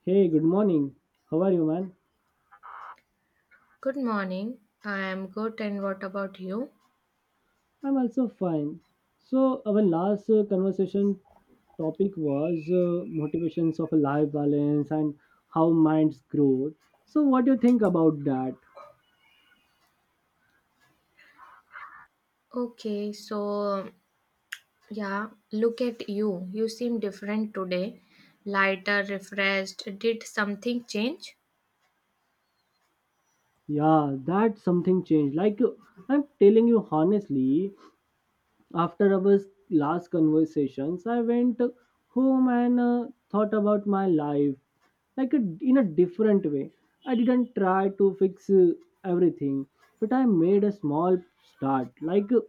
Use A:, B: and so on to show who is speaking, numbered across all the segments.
A: Hey, good morning. How are you, man?
B: Good morning. I am good, and what about you?
A: I'm also fine. So, our last conversation topic was motivations of a life balance and how minds grow. So, what do you think about that?
B: Okay, so yeah, look at you. You seem different today. Lighter, refreshed. Did something change?
A: Yeah, that something changed. I'm telling you honestly. After our last conversations, I went home and thought about my life like a, in a different way. I didn't try to fix everything, but I made a small start.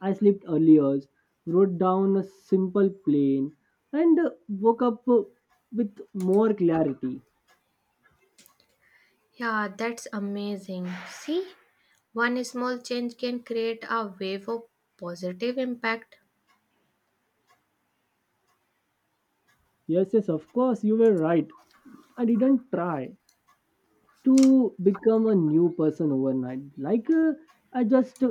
A: I slept earlier, wrote down a simple plan, and woke up with more clarity.
B: Yeah, that's amazing. See, one small change can create a wave of positive impact.
A: Yes, yes, of course, you were right. I didn't try to become a new person overnight. I just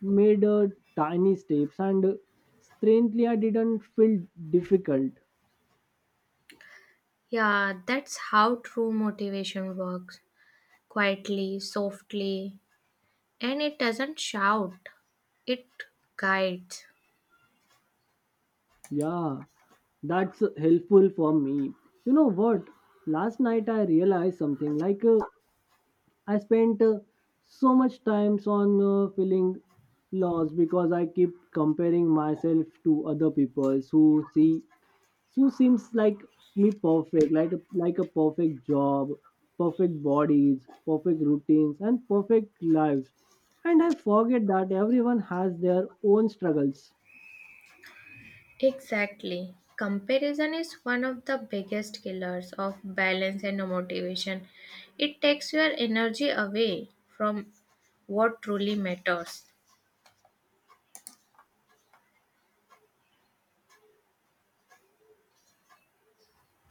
A: made tiny steps, and strangely I didn't feel difficult.
B: Yeah, that's how true motivation works quietly, softly, and it doesn't shout, it guides.
A: Yeah, that's helpful for me. You know what? Last night I realized something. I spent so much times on feeling lost because I keep comparing myself to other people who see Sue seems like me perfect, like a perfect job, perfect bodies, perfect routines, and perfect lives. And I forget that everyone has their own struggles.
B: Exactly. Comparison is one of the biggest killers of balance and motivation. It takes your energy away from what truly matters.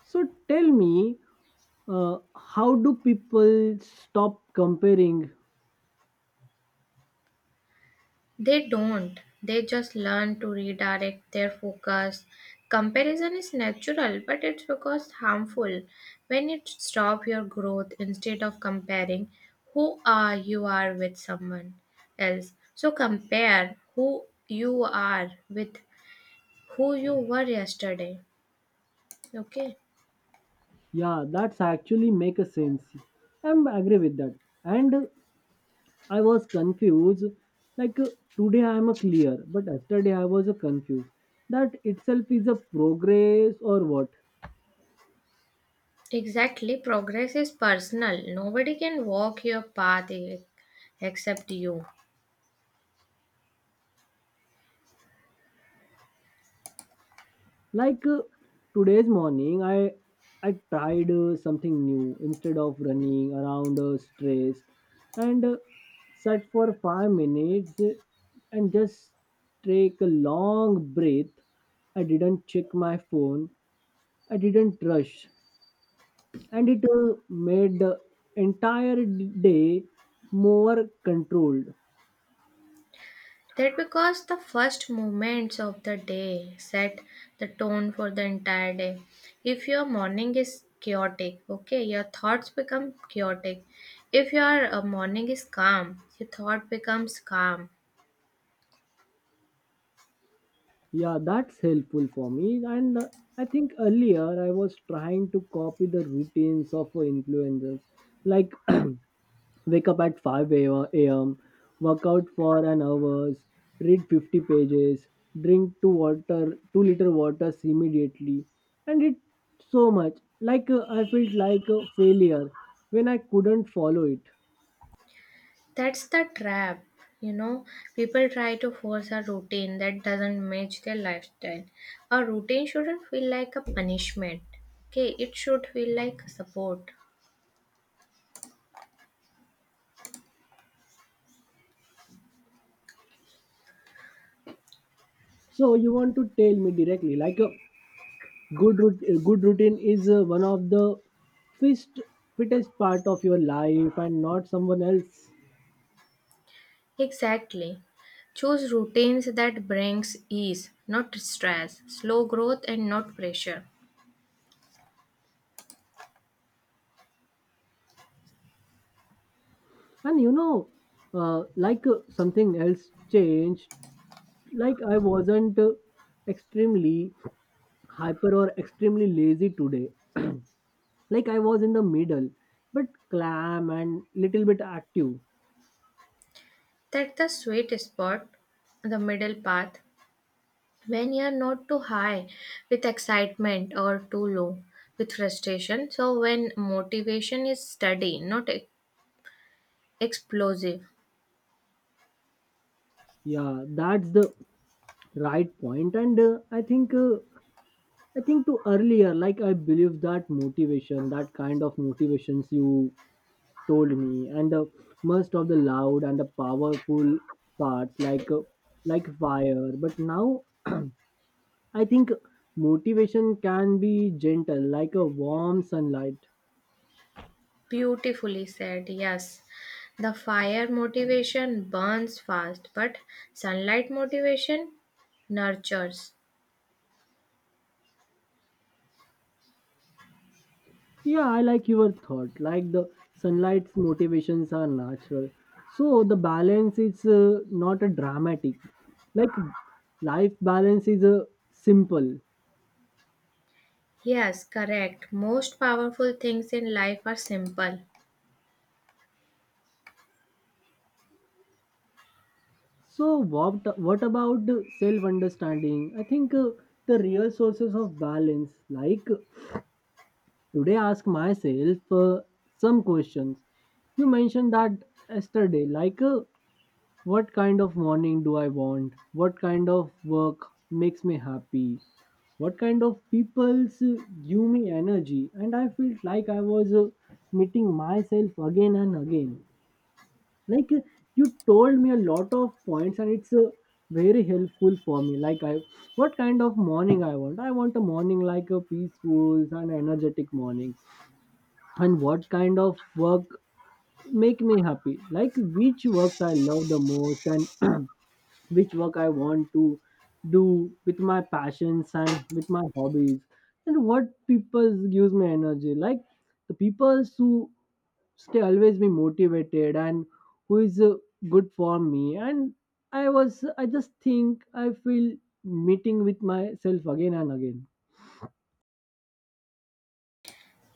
A: So tell me, how do people stop comparing?
B: They don't. They just learn to redirect their focus. Comparison is natural, but it's because harmful when it stops your growth instead of comparing who are you are with someone else. So compare who you are with who you were yesterday. Okay,
A: Yeah, that's actually make a sense. I'm agree with that. And I was confused. Like uh, today I am a clear, but yesterday I was a confused. That itself is a progress or what?
B: exactly. Progress is personal. Nobody can walk your path except you.
A: like uh, Today's morning I tried something new instead of running around stressed and sat for 5 minutes and just take a long breath. I didn't check my phone, I didn't rush, and it made the entire day more controlled.
B: That because the first moments of the day set the tone for the entire day. If your morning is chaotic, okay, your thoughts become chaotic. If your morning is calm, your thought becomes calm.
A: Yeah, that's helpful for me. And I think earlier I was trying to copy the routines of influencers, like wake up at 5 a.m., work out for an hour, read 50 pages, drink two water, 2 liter waters immediately, and it so much. I felt like a failure when I couldn't follow it.
B: That's the trap, you know. People try to force a routine that doesn't match their lifestyle. A routine shouldn't feel like a punishment. Okay, it should feel like support.
A: So you want to tell me directly, like. Good a good routine is one of the fist, fittest part of your life and not someone else.
B: Exactly. Choose routines that brings ease, not stress, slow growth and not pressure.
A: And you know, something else changed. I wasn't extremely hyper or extremely lazy today. Like I was in the middle, but clam and little bit active.
B: That's the sweet spot, the middle path, when you're not too high with excitement or too low with frustration. So when motivation is steady, not e- explosive.
A: Yeah, that's the right point. And I think to earlier, like I believe that motivation, that kind of motivations you told me, and most of the loud and the powerful parts like fire, but now I think motivation can be gentle like a warm sunlight.
B: Beautifully said, yes. The fire motivation burns fast, but sunlight motivation nurtures.
A: Yeah, I like your thought, like the sunlight's motivations are natural. So the balance is not a dramatic, like life balance is a simple.
B: Yes, correct. Most powerful things in life are simple.
A: So what about self understanding? I think the real sources of balance. Like today, ask myself some questions. You mentioned that yesterday. What kind of morning do I want? What kind of work makes me happy? What kind of people's give me energy? And I felt like I was meeting myself again and again. like uh, you told me a lot of points and it's very helpful for me. Like I, what kind of morning I want? I want a morning like a peaceful and energetic morning. And what kind of work make me happy? Like which works I love the most, and which work I want to do with my passions and with my hobbies. And what people gives me energy? Like the people who stay always be motivated, and who is good for me. And I just think I feel meeting with myself again and again.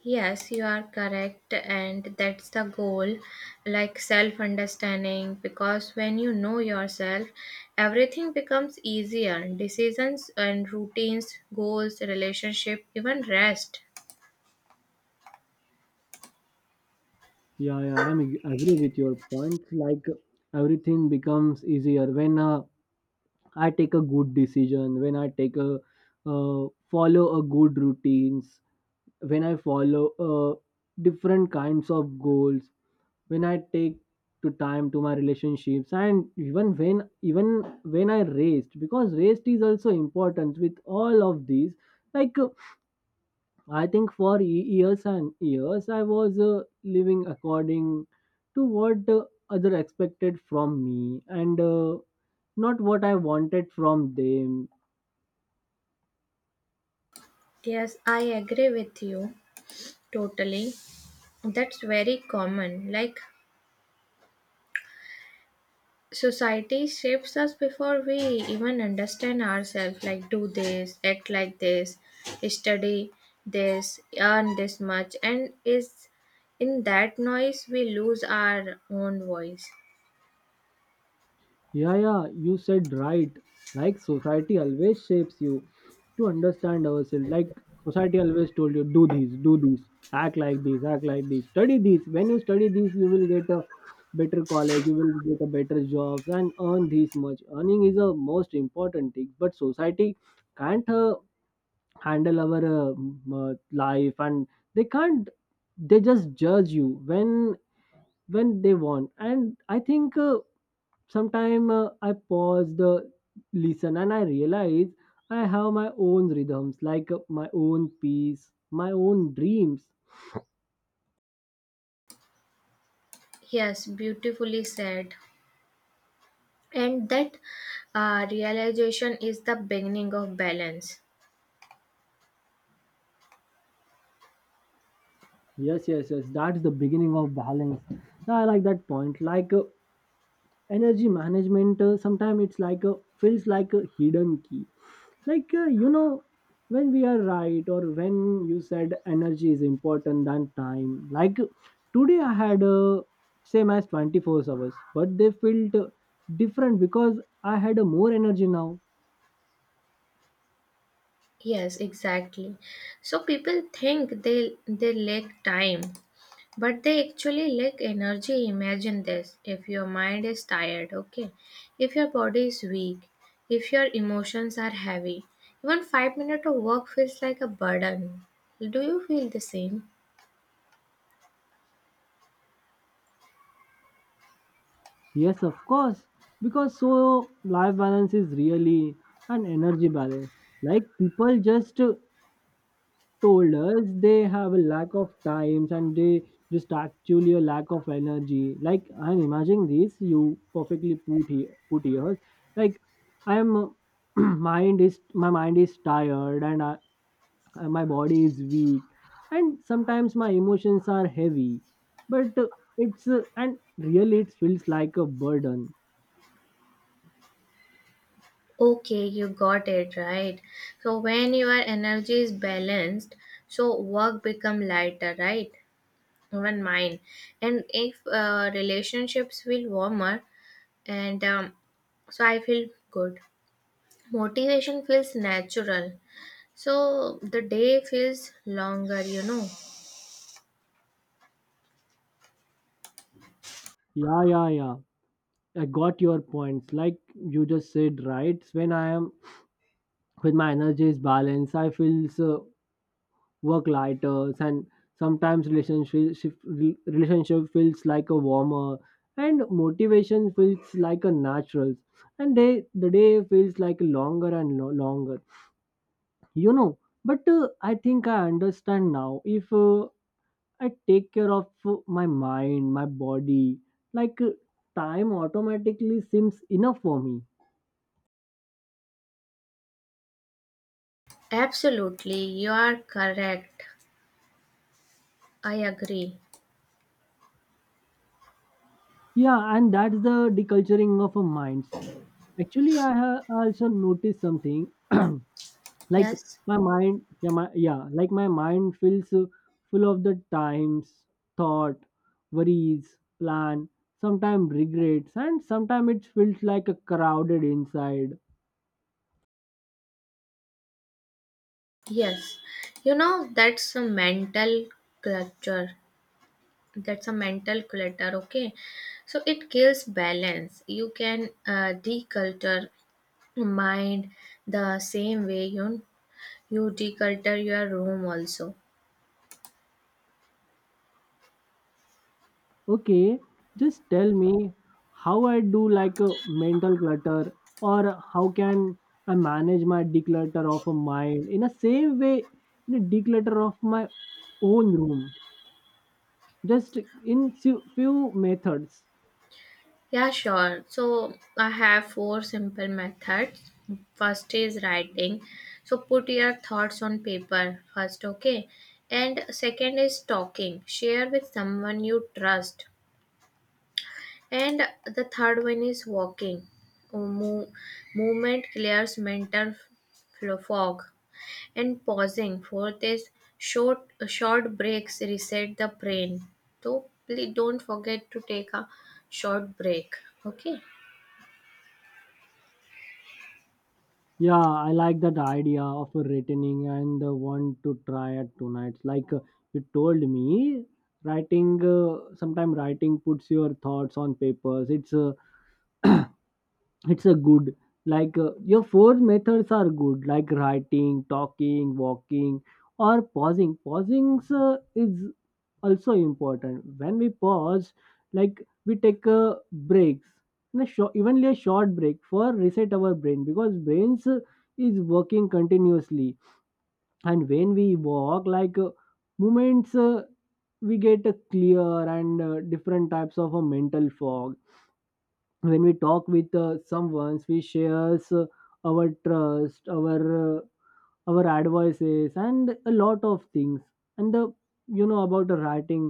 B: Yes, you are correct, and that's the goal like self understanding. Because when you know yourself, everything becomes easier decisions and routines, goals, relationship, even rest.
A: Yeah, yeah, I'm agree with your point. Like everything becomes easier when I take a good decision, when I take a follow a good routines, when I follow different kinds of goals, when I take to time to my relationships, and even when I rest, because rest is also important with all of these. like uh, I think for years and years, I was living according to what other expected from me, and not what I wanted from them.
B: Yes, I agree with you totally. That's very common. Like, society shapes us before we even understand ourselves. Like, do this, act like this, study this, earn this much. And is in that noise we lose our own voice.
A: Yeah, yeah, you said right. Like society always shapes you to understand ourselves. Like society always told you, do this, act like this, act like this, study this. When you study this, you will get a better college, you will get a better job, and earn this much. Earning is a most important thing, but society can't handle our life, and they can't. They just judge you when they want, and I think. Sometimes I pause the listen and I realize I have my own rhythms, my own peace, my own dreams.
B: Yes, beautifully said. And that realization is the beginning of balance.
A: Yes, yes, yes. That's the beginning of balance. Yeah, I like that point. Energy management, sometimes it's like a feels like a hidden key. You know, when we are right or when you said energy is important than time. Like today I had same as 24 hours, but they felt different because I had a more energy now.
B: Yes, exactly. So people think they lack time, but they actually lack energy. Imagine this. If your mind is tired, okay? If your body is weak, if your emotions are heavy, even 5 minutes of work feels like a burden. Do you feel the same?
A: Yes, of course, because so life balance is really an energy balance. Like people just told us they have a lack of times, and they just actually a lack of energy. Like I'm imagining this, you perfectly put here, like I am mind is my mind is tired, and and my body is weak, and sometimes my emotions are heavy, but it's and really it feels like a burden.
B: Okay, you got it right. So when your energy is balanced, so work become lighter, right? Even mine. And if relationships feel warmer, and so I feel good. Motivation feels natural, so the day feels longer, you know.
A: Yeah, yeah, yeah, I got your points. Like you just said right, when I am when my energy is balanced, I feel so work lighter, and sometimes relationship feels like a warmer, and motivation feels like a natural, and day feels like longer and longer, you know. But I think I understand now, if I take care of my mind my body, like uh, time automatically seems enough for me.
B: Absolutely, you are correct. I agree.
A: Yeah, and that's the deculturing of a minds. Actually, I have also noticed something, like
B: Yes,
A: my mind, yeah my, yeah like my mind feels full of the times, thought, worries, plan, sometimes regrets, and sometimes it feels like a crowded inside.
B: yes. You know, that's a mental clutter. That's a mental clutter, okay? So it kills balance. You can declutter mind the same way you declutter your room also.
A: Okay, just tell me how I do like a mental clutter, or how can I manage my declutter of a mind in a same way in a declutter of my own room, just in few methods.
B: Yeah, sure. So I have four simple methods. First is writing. So put your thoughts on paper first, okay? And second is talking. Share with someone you trust. And the third one is walking. Mo- movement clears mental fog. And pausing. Fourth is short breaks reset the brain. So please don't forget to take a short break. Okay.
A: Yeah, I like that idea of a retaining and want to try it tonight. You told me, writing, sometime writing puts your thoughts on papers. It's a good, your four methods are good, like writing, talking, walking, or pausing is also important. When we pause, like we take breaks in a short, evenly a short break for reset our brain, because brains is working continuously. And when we walk, movements we get a clear and different types of a mental fog. When we talk with someone, we shares our trust, our advices and a lot of things. And the, you know, about the writing,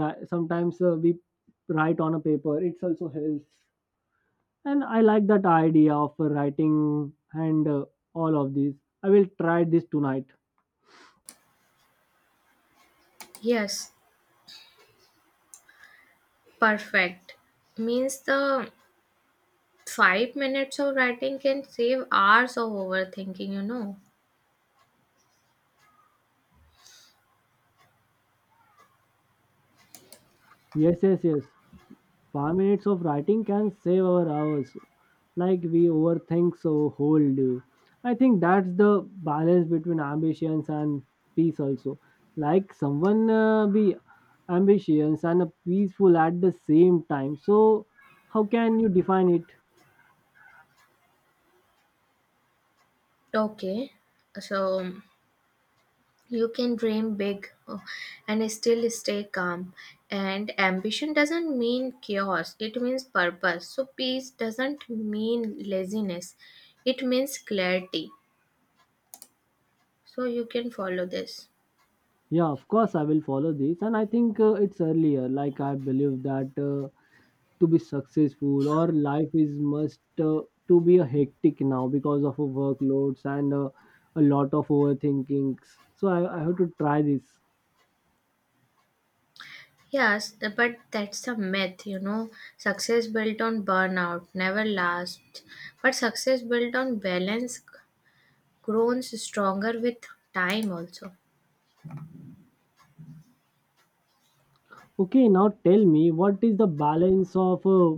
A: sometimes we write on a paper, it's also helps. And I like that idea of writing and all of these, I will try this tonight.
B: Yes, perfect. Means the 5 minutes of writing can save hours of overthinking, you know.
A: Yes, yes, yes, 5 minutes of writing can save our hours, like we overthink so whole day. I think that's the balance between ambitions and peace also. Like someone be ambitious and a peaceful at the same time. So how can you define it?
B: Okay, so you can dream big and still stay calm. And ambition doesn't mean chaos, it means purpose. So, peace doesn't mean laziness, it means clarity. So, you can follow this.
A: Yeah, of course I will follow this, and I think it's earlier. Like I believe that to be successful or life is must to be a hectic now because of a workloads and a lot of overthinkings. So I have to try this.
B: Yes, but that's a myth, you know. Success built on burnout never lasts. But success built on balance grows stronger with time also.
A: Okay, now tell me, what is the balance of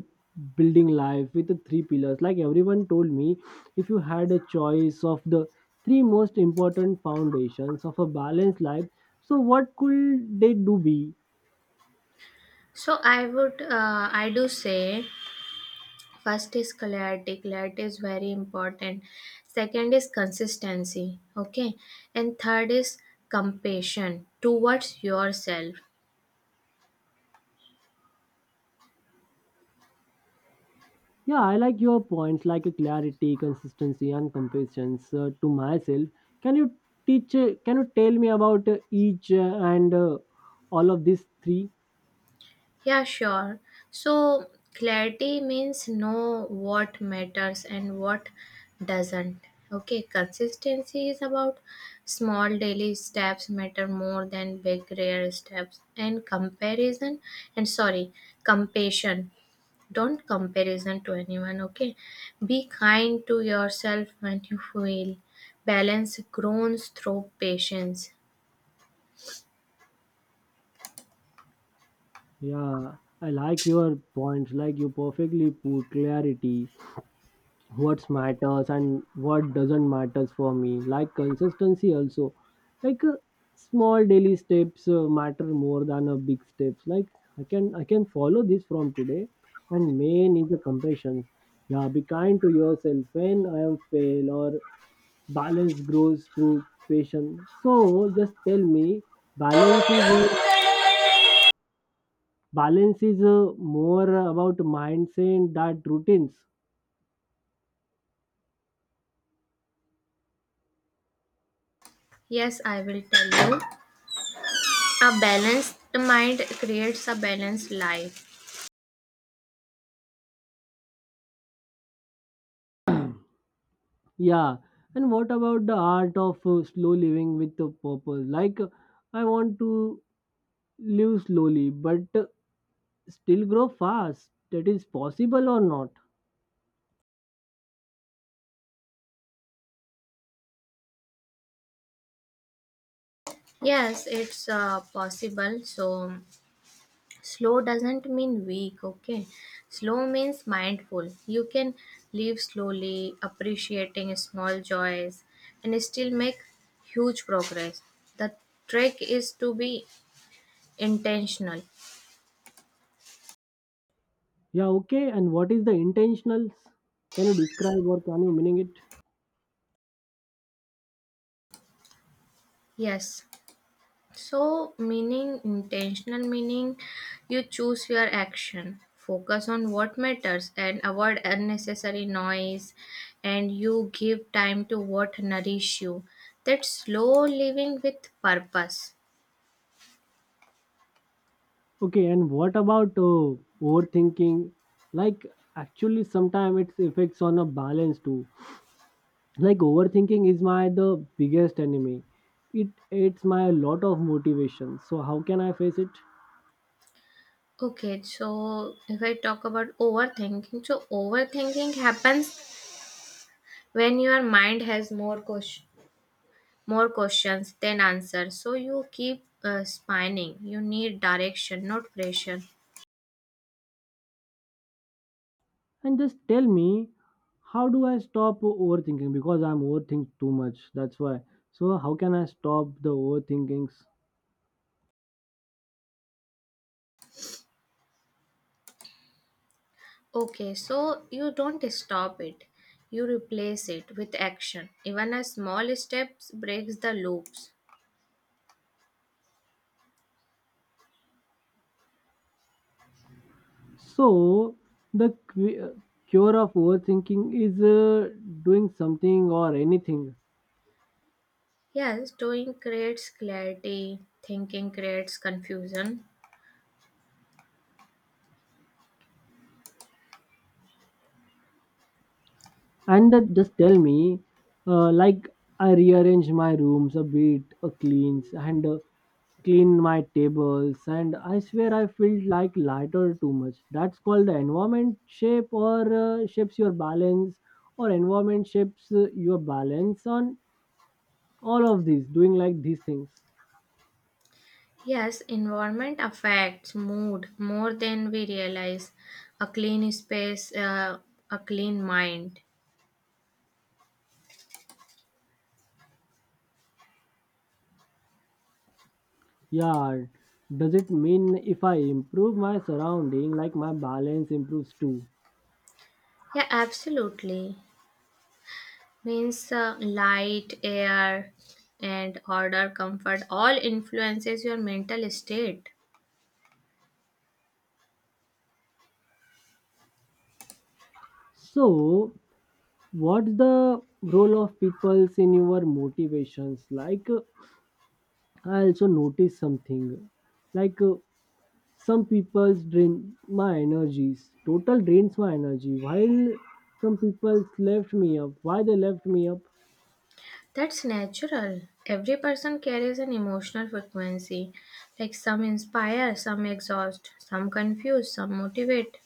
A: building life with the three pillars? Like everyone told me, if you had a choice of the three most important foundations of a balanced life, so what could they do be?
B: So I would, I do say, first is clarity. Clarity is very important. Second is consistency. Okay, and third is compassion towards yourself.
A: Yeah, I like your points, like a clarity, consistency, and compassion to myself. Can you teach? Can you tell me about each and all of these three?
B: Yeah, sure. So, clarity means know what matters and what doesn't. Okay, consistency is about small daily steps matter more than big rare steps. And comparison and sorry, compassion. Don't comparison to anyone, okay? Be kind to yourself when you feel. Balance grows through patience.
A: Yeah, I like your points. Like you perfectly put clarity what matters and what doesn't matters for me, like consistency also, like small daily steps matter more than a big steps. Like I can follow this from today, and main is the compassion. Yeah, be kind to yourself when I am fail, or balance grows through patience. So just tell me, balance is, balance is more about mindset that routines.
B: Yes, I will tell you. A balanced mind creates a balanced life.
A: Yeah, and what about the art of slow living with a purpose? Like, I want to live slowly, but still grow fast. That is possible or not?
B: Yes, it's possible. So, slow doesn't mean weak, okay? Slow means mindful. You can live slowly, appreciating small joys, and still make huge progress. The trick is to be intentional.
A: Yeah, okay. And what is the intentionals? Can you describe, or can you meaning it?
B: Yes. So, meaning, intentional meaning, you choose your action, focus on what matters, and avoid unnecessary noise, and you give time to what nourish you. That's slow living with purpose.
A: Okay, and what about overthinking? Like, actually, sometimes its effects on a balance too. Like, overthinking is my the biggest enemy. It's my lot of motivation. So how can I face it?
B: Okay, so if I talk about overthinking, so overthinking happens when your mind has more questions. More questions than answers, so you keep spinning. You need direction, not pressure.
A: And just tell me, how do I stop overthinking, because I'm overthinking too much. That's why, so how can I stop the overthinkings?
B: Okay, so you don't stop it. You replace it with action. Even a small steps breaks the loops.
A: So the cure of overthinking is doing something or anything.
B: Yes, doing creates clarity, thinking creates confusion.
A: And that, just tell me, like, I rearrange my rooms a bit, a cleans, and clean my tables, and I swear I feel like lighter too much. That's called the environment shape, or shapes your balance, or environment shapes your balance on all of these doing like these things.
B: Yes, environment affects mood more than we realize. A clean space, a clean mind.
A: Yeah, does it mean if I improve my surrounding, like my balance improves too?
B: Yeah, absolutely. Means light, air, and order, comfort all influences your mental state.
A: So what's the role of peoples in your motivations, like I also noticed something, like some people's drain my energies, total drains my energy, while some people's left me up. Why they left me up?
B: That's natural. Every person carries an emotional frequency. Like some inspire, some exhaust, some confuse, some motivate.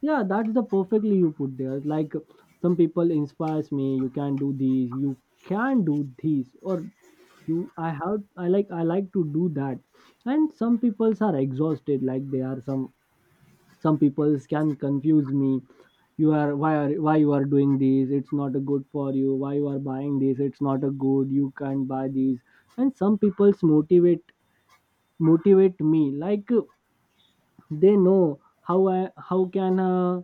A: Yeah, that's the perfectly you put there. Like some people inspires me, you can do this, you can do this, or you, I have, I like, I like to do that. And some peoples are exhausted, like they are some people can confuse me. You are, why are, why you are doing this? It's not good for you. Why you are buying this? It's not a good, you can't buy these. And some people's motivate, motivate me, like they know how I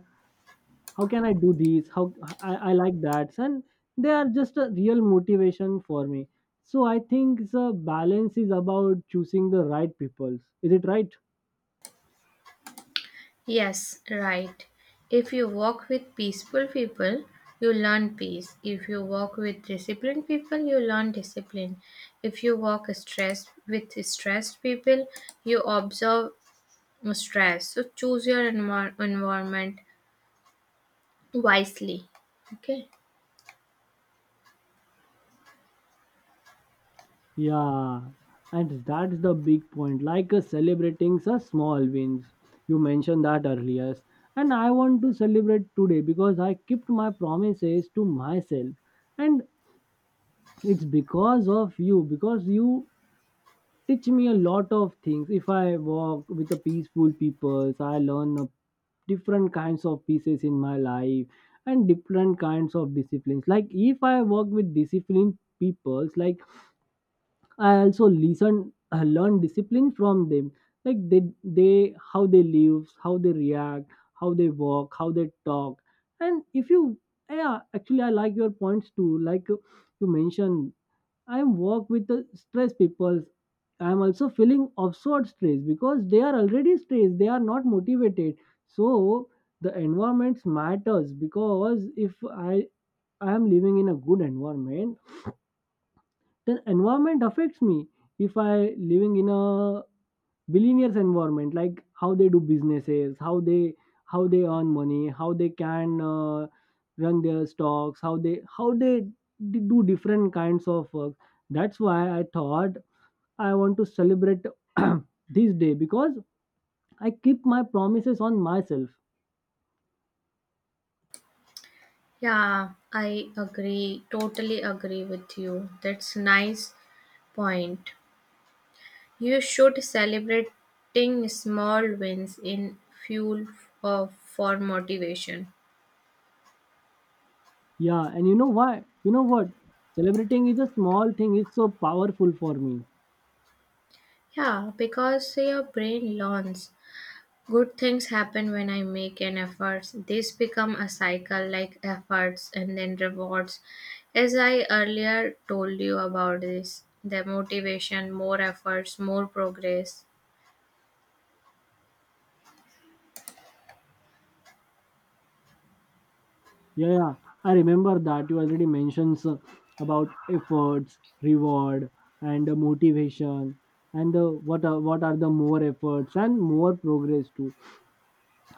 A: how can I do this? How I like that, and they are just a real motivation for me. So I think the balance is about choosing the right people. Is it right?
B: Yes, right. If you walk with peaceful people, you learn peace. If you walk with disciplined people, you learn discipline. If you walk stress with stressed people, you observe stress. So choose your environment wisely. Okay.
A: Yeah, and that's the big point. Like celebrating the small wins. You mentioned that earlier. And I want to celebrate today because I kept my promises to myself. And it's because of you, because you teach me a lot of things. If I walk with a peaceful people, I learn a different kinds of pieces in my life, and different kinds of disciplines. Like if I work with disciplined peoples, like I also listen, learn discipline from them. Like how they live, how they react, how they walk, how they talk. And if you, yeah, actually, I like your points too. Like you mentioned, I work with the stress people. I'm also feeling absurd stress because they are already stressed. They are not motivated. So the environment matters, because if I am living in a good environment, then environment affects me. If I living in a billionaires environment, like how they do businesses, how they earn money, how they can run their stocks, how they do different kinds of work. That's why I thought I want to celebrate this day, because I keep my promises on myself.
B: Yeah, I agree, totally agree with you. That's nice point. You should celebrating small wins in fuel of for motivation.
A: Yeah, and you know why, you know what, celebrating is a small thing. It's so powerful for me.
B: Yeah, because your brain learns. Good things happen when I make an effort. This become a cycle like efforts and then rewards. As I earlier told you about this, the motivation, more efforts, more progress.
A: Yeah, yeah. I remember that you already mentioned about efforts, reward, and motivation, and what are the more efforts and more progress too.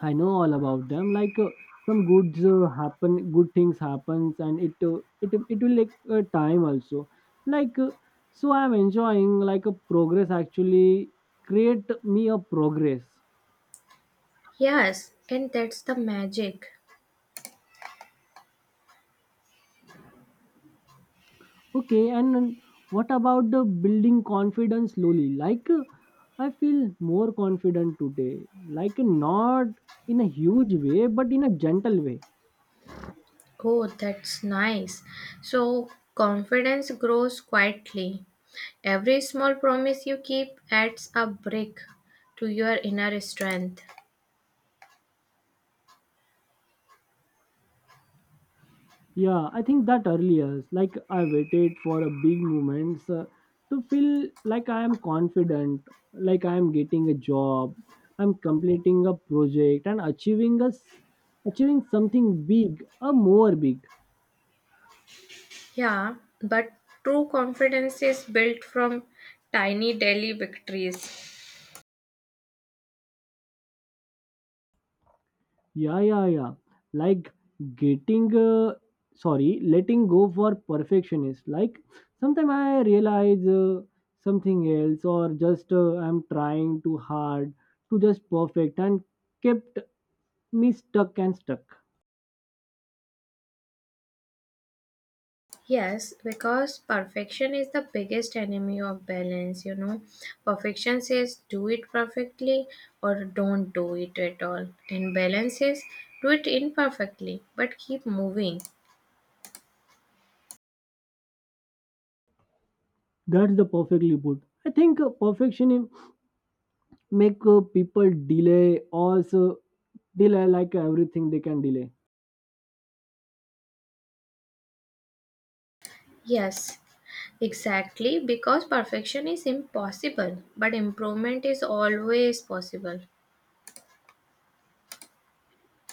A: I know all about them. Like some goods happen, good things happens, and it it will take time also. Like so, I'm enjoying like a progress, actually create me a progress.
B: Yes, and that's the magic.
A: Okay, and what about the building confidence slowly? Like, I feel more confident today. Like, not in a huge way, but in a gentle way.
B: Oh, that's nice. So, confidence grows quietly. Every small promise you keep adds a brick to your inner strength.
A: Yeah, I think that earlier, like, I waited for a big moment to feel like I am confident, like I am getting a job, I'm completing a project, and achieving something big, a more big.
B: Yeah, but true confidence is built from tiny daily victories.
A: Yeah, yeah, yeah. Like getting, letting go for perfectionist. Like sometimes I realize something else, or just I'm trying too hard to just perfect, and kept me stuck and stuck.
B: Yes, because perfection is the biggest enemy of balance, you know. Perfection says do it perfectly or don't do it at all. And balance says do it imperfectly but keep moving.
A: That's the perfectly put. I think perfection make people delay also, delay like everything they can delay.
B: Yes, exactly because perfection is impossible but improvement is always possible.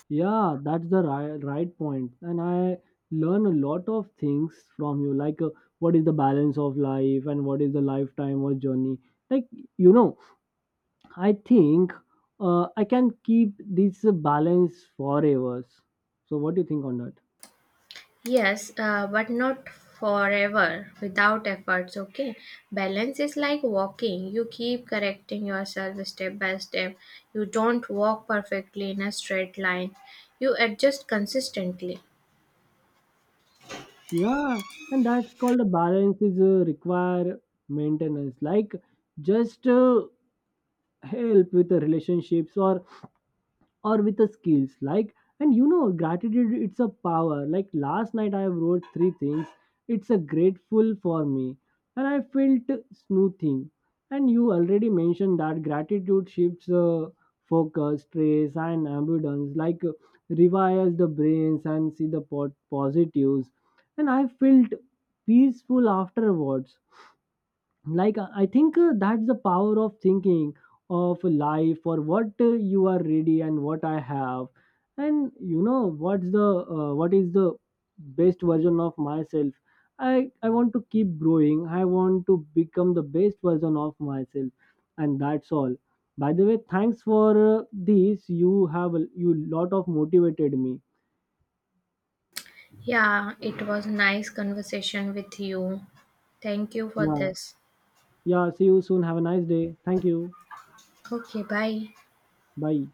A: Yeah, that's the right, right point. And I learn a lot of things from you, like what is the balance of life, and what is the lifetime or journey. Like, you know, I think I can keep this balance forever. So, what do you think on that?
B: Yes, but not forever without efforts, okay? Balance is like walking. You keep correcting yourself step by step. You don't walk perfectly in a straight line. You adjust consistently.
A: Yeah, and that's called a balance is a require maintenance, like just help with the relationships, or with the skills, like. And you know, gratitude, it's a power. Like last night I wrote three things, it's a grateful for me, and I felt smoothing. And you already mentioned that gratitude shifts focus stress and abundance, like rewires the brains and see the positives. And I felt peaceful afterwards. Like I think that's the power of thinking of life, or what you are ready and what I have. And you know what's the what is the best version of myself. I want to keep growing, I want to become the best version of myself, and that's all. By the way, thanks for this. You lot of motivated me.
B: Yeah, it was nice conversation with you. Thank you for
A: Yeah,
B: this.
A: yeah, see you soon, have a nice day, thank you.
B: Okay, bye.
A: Bye.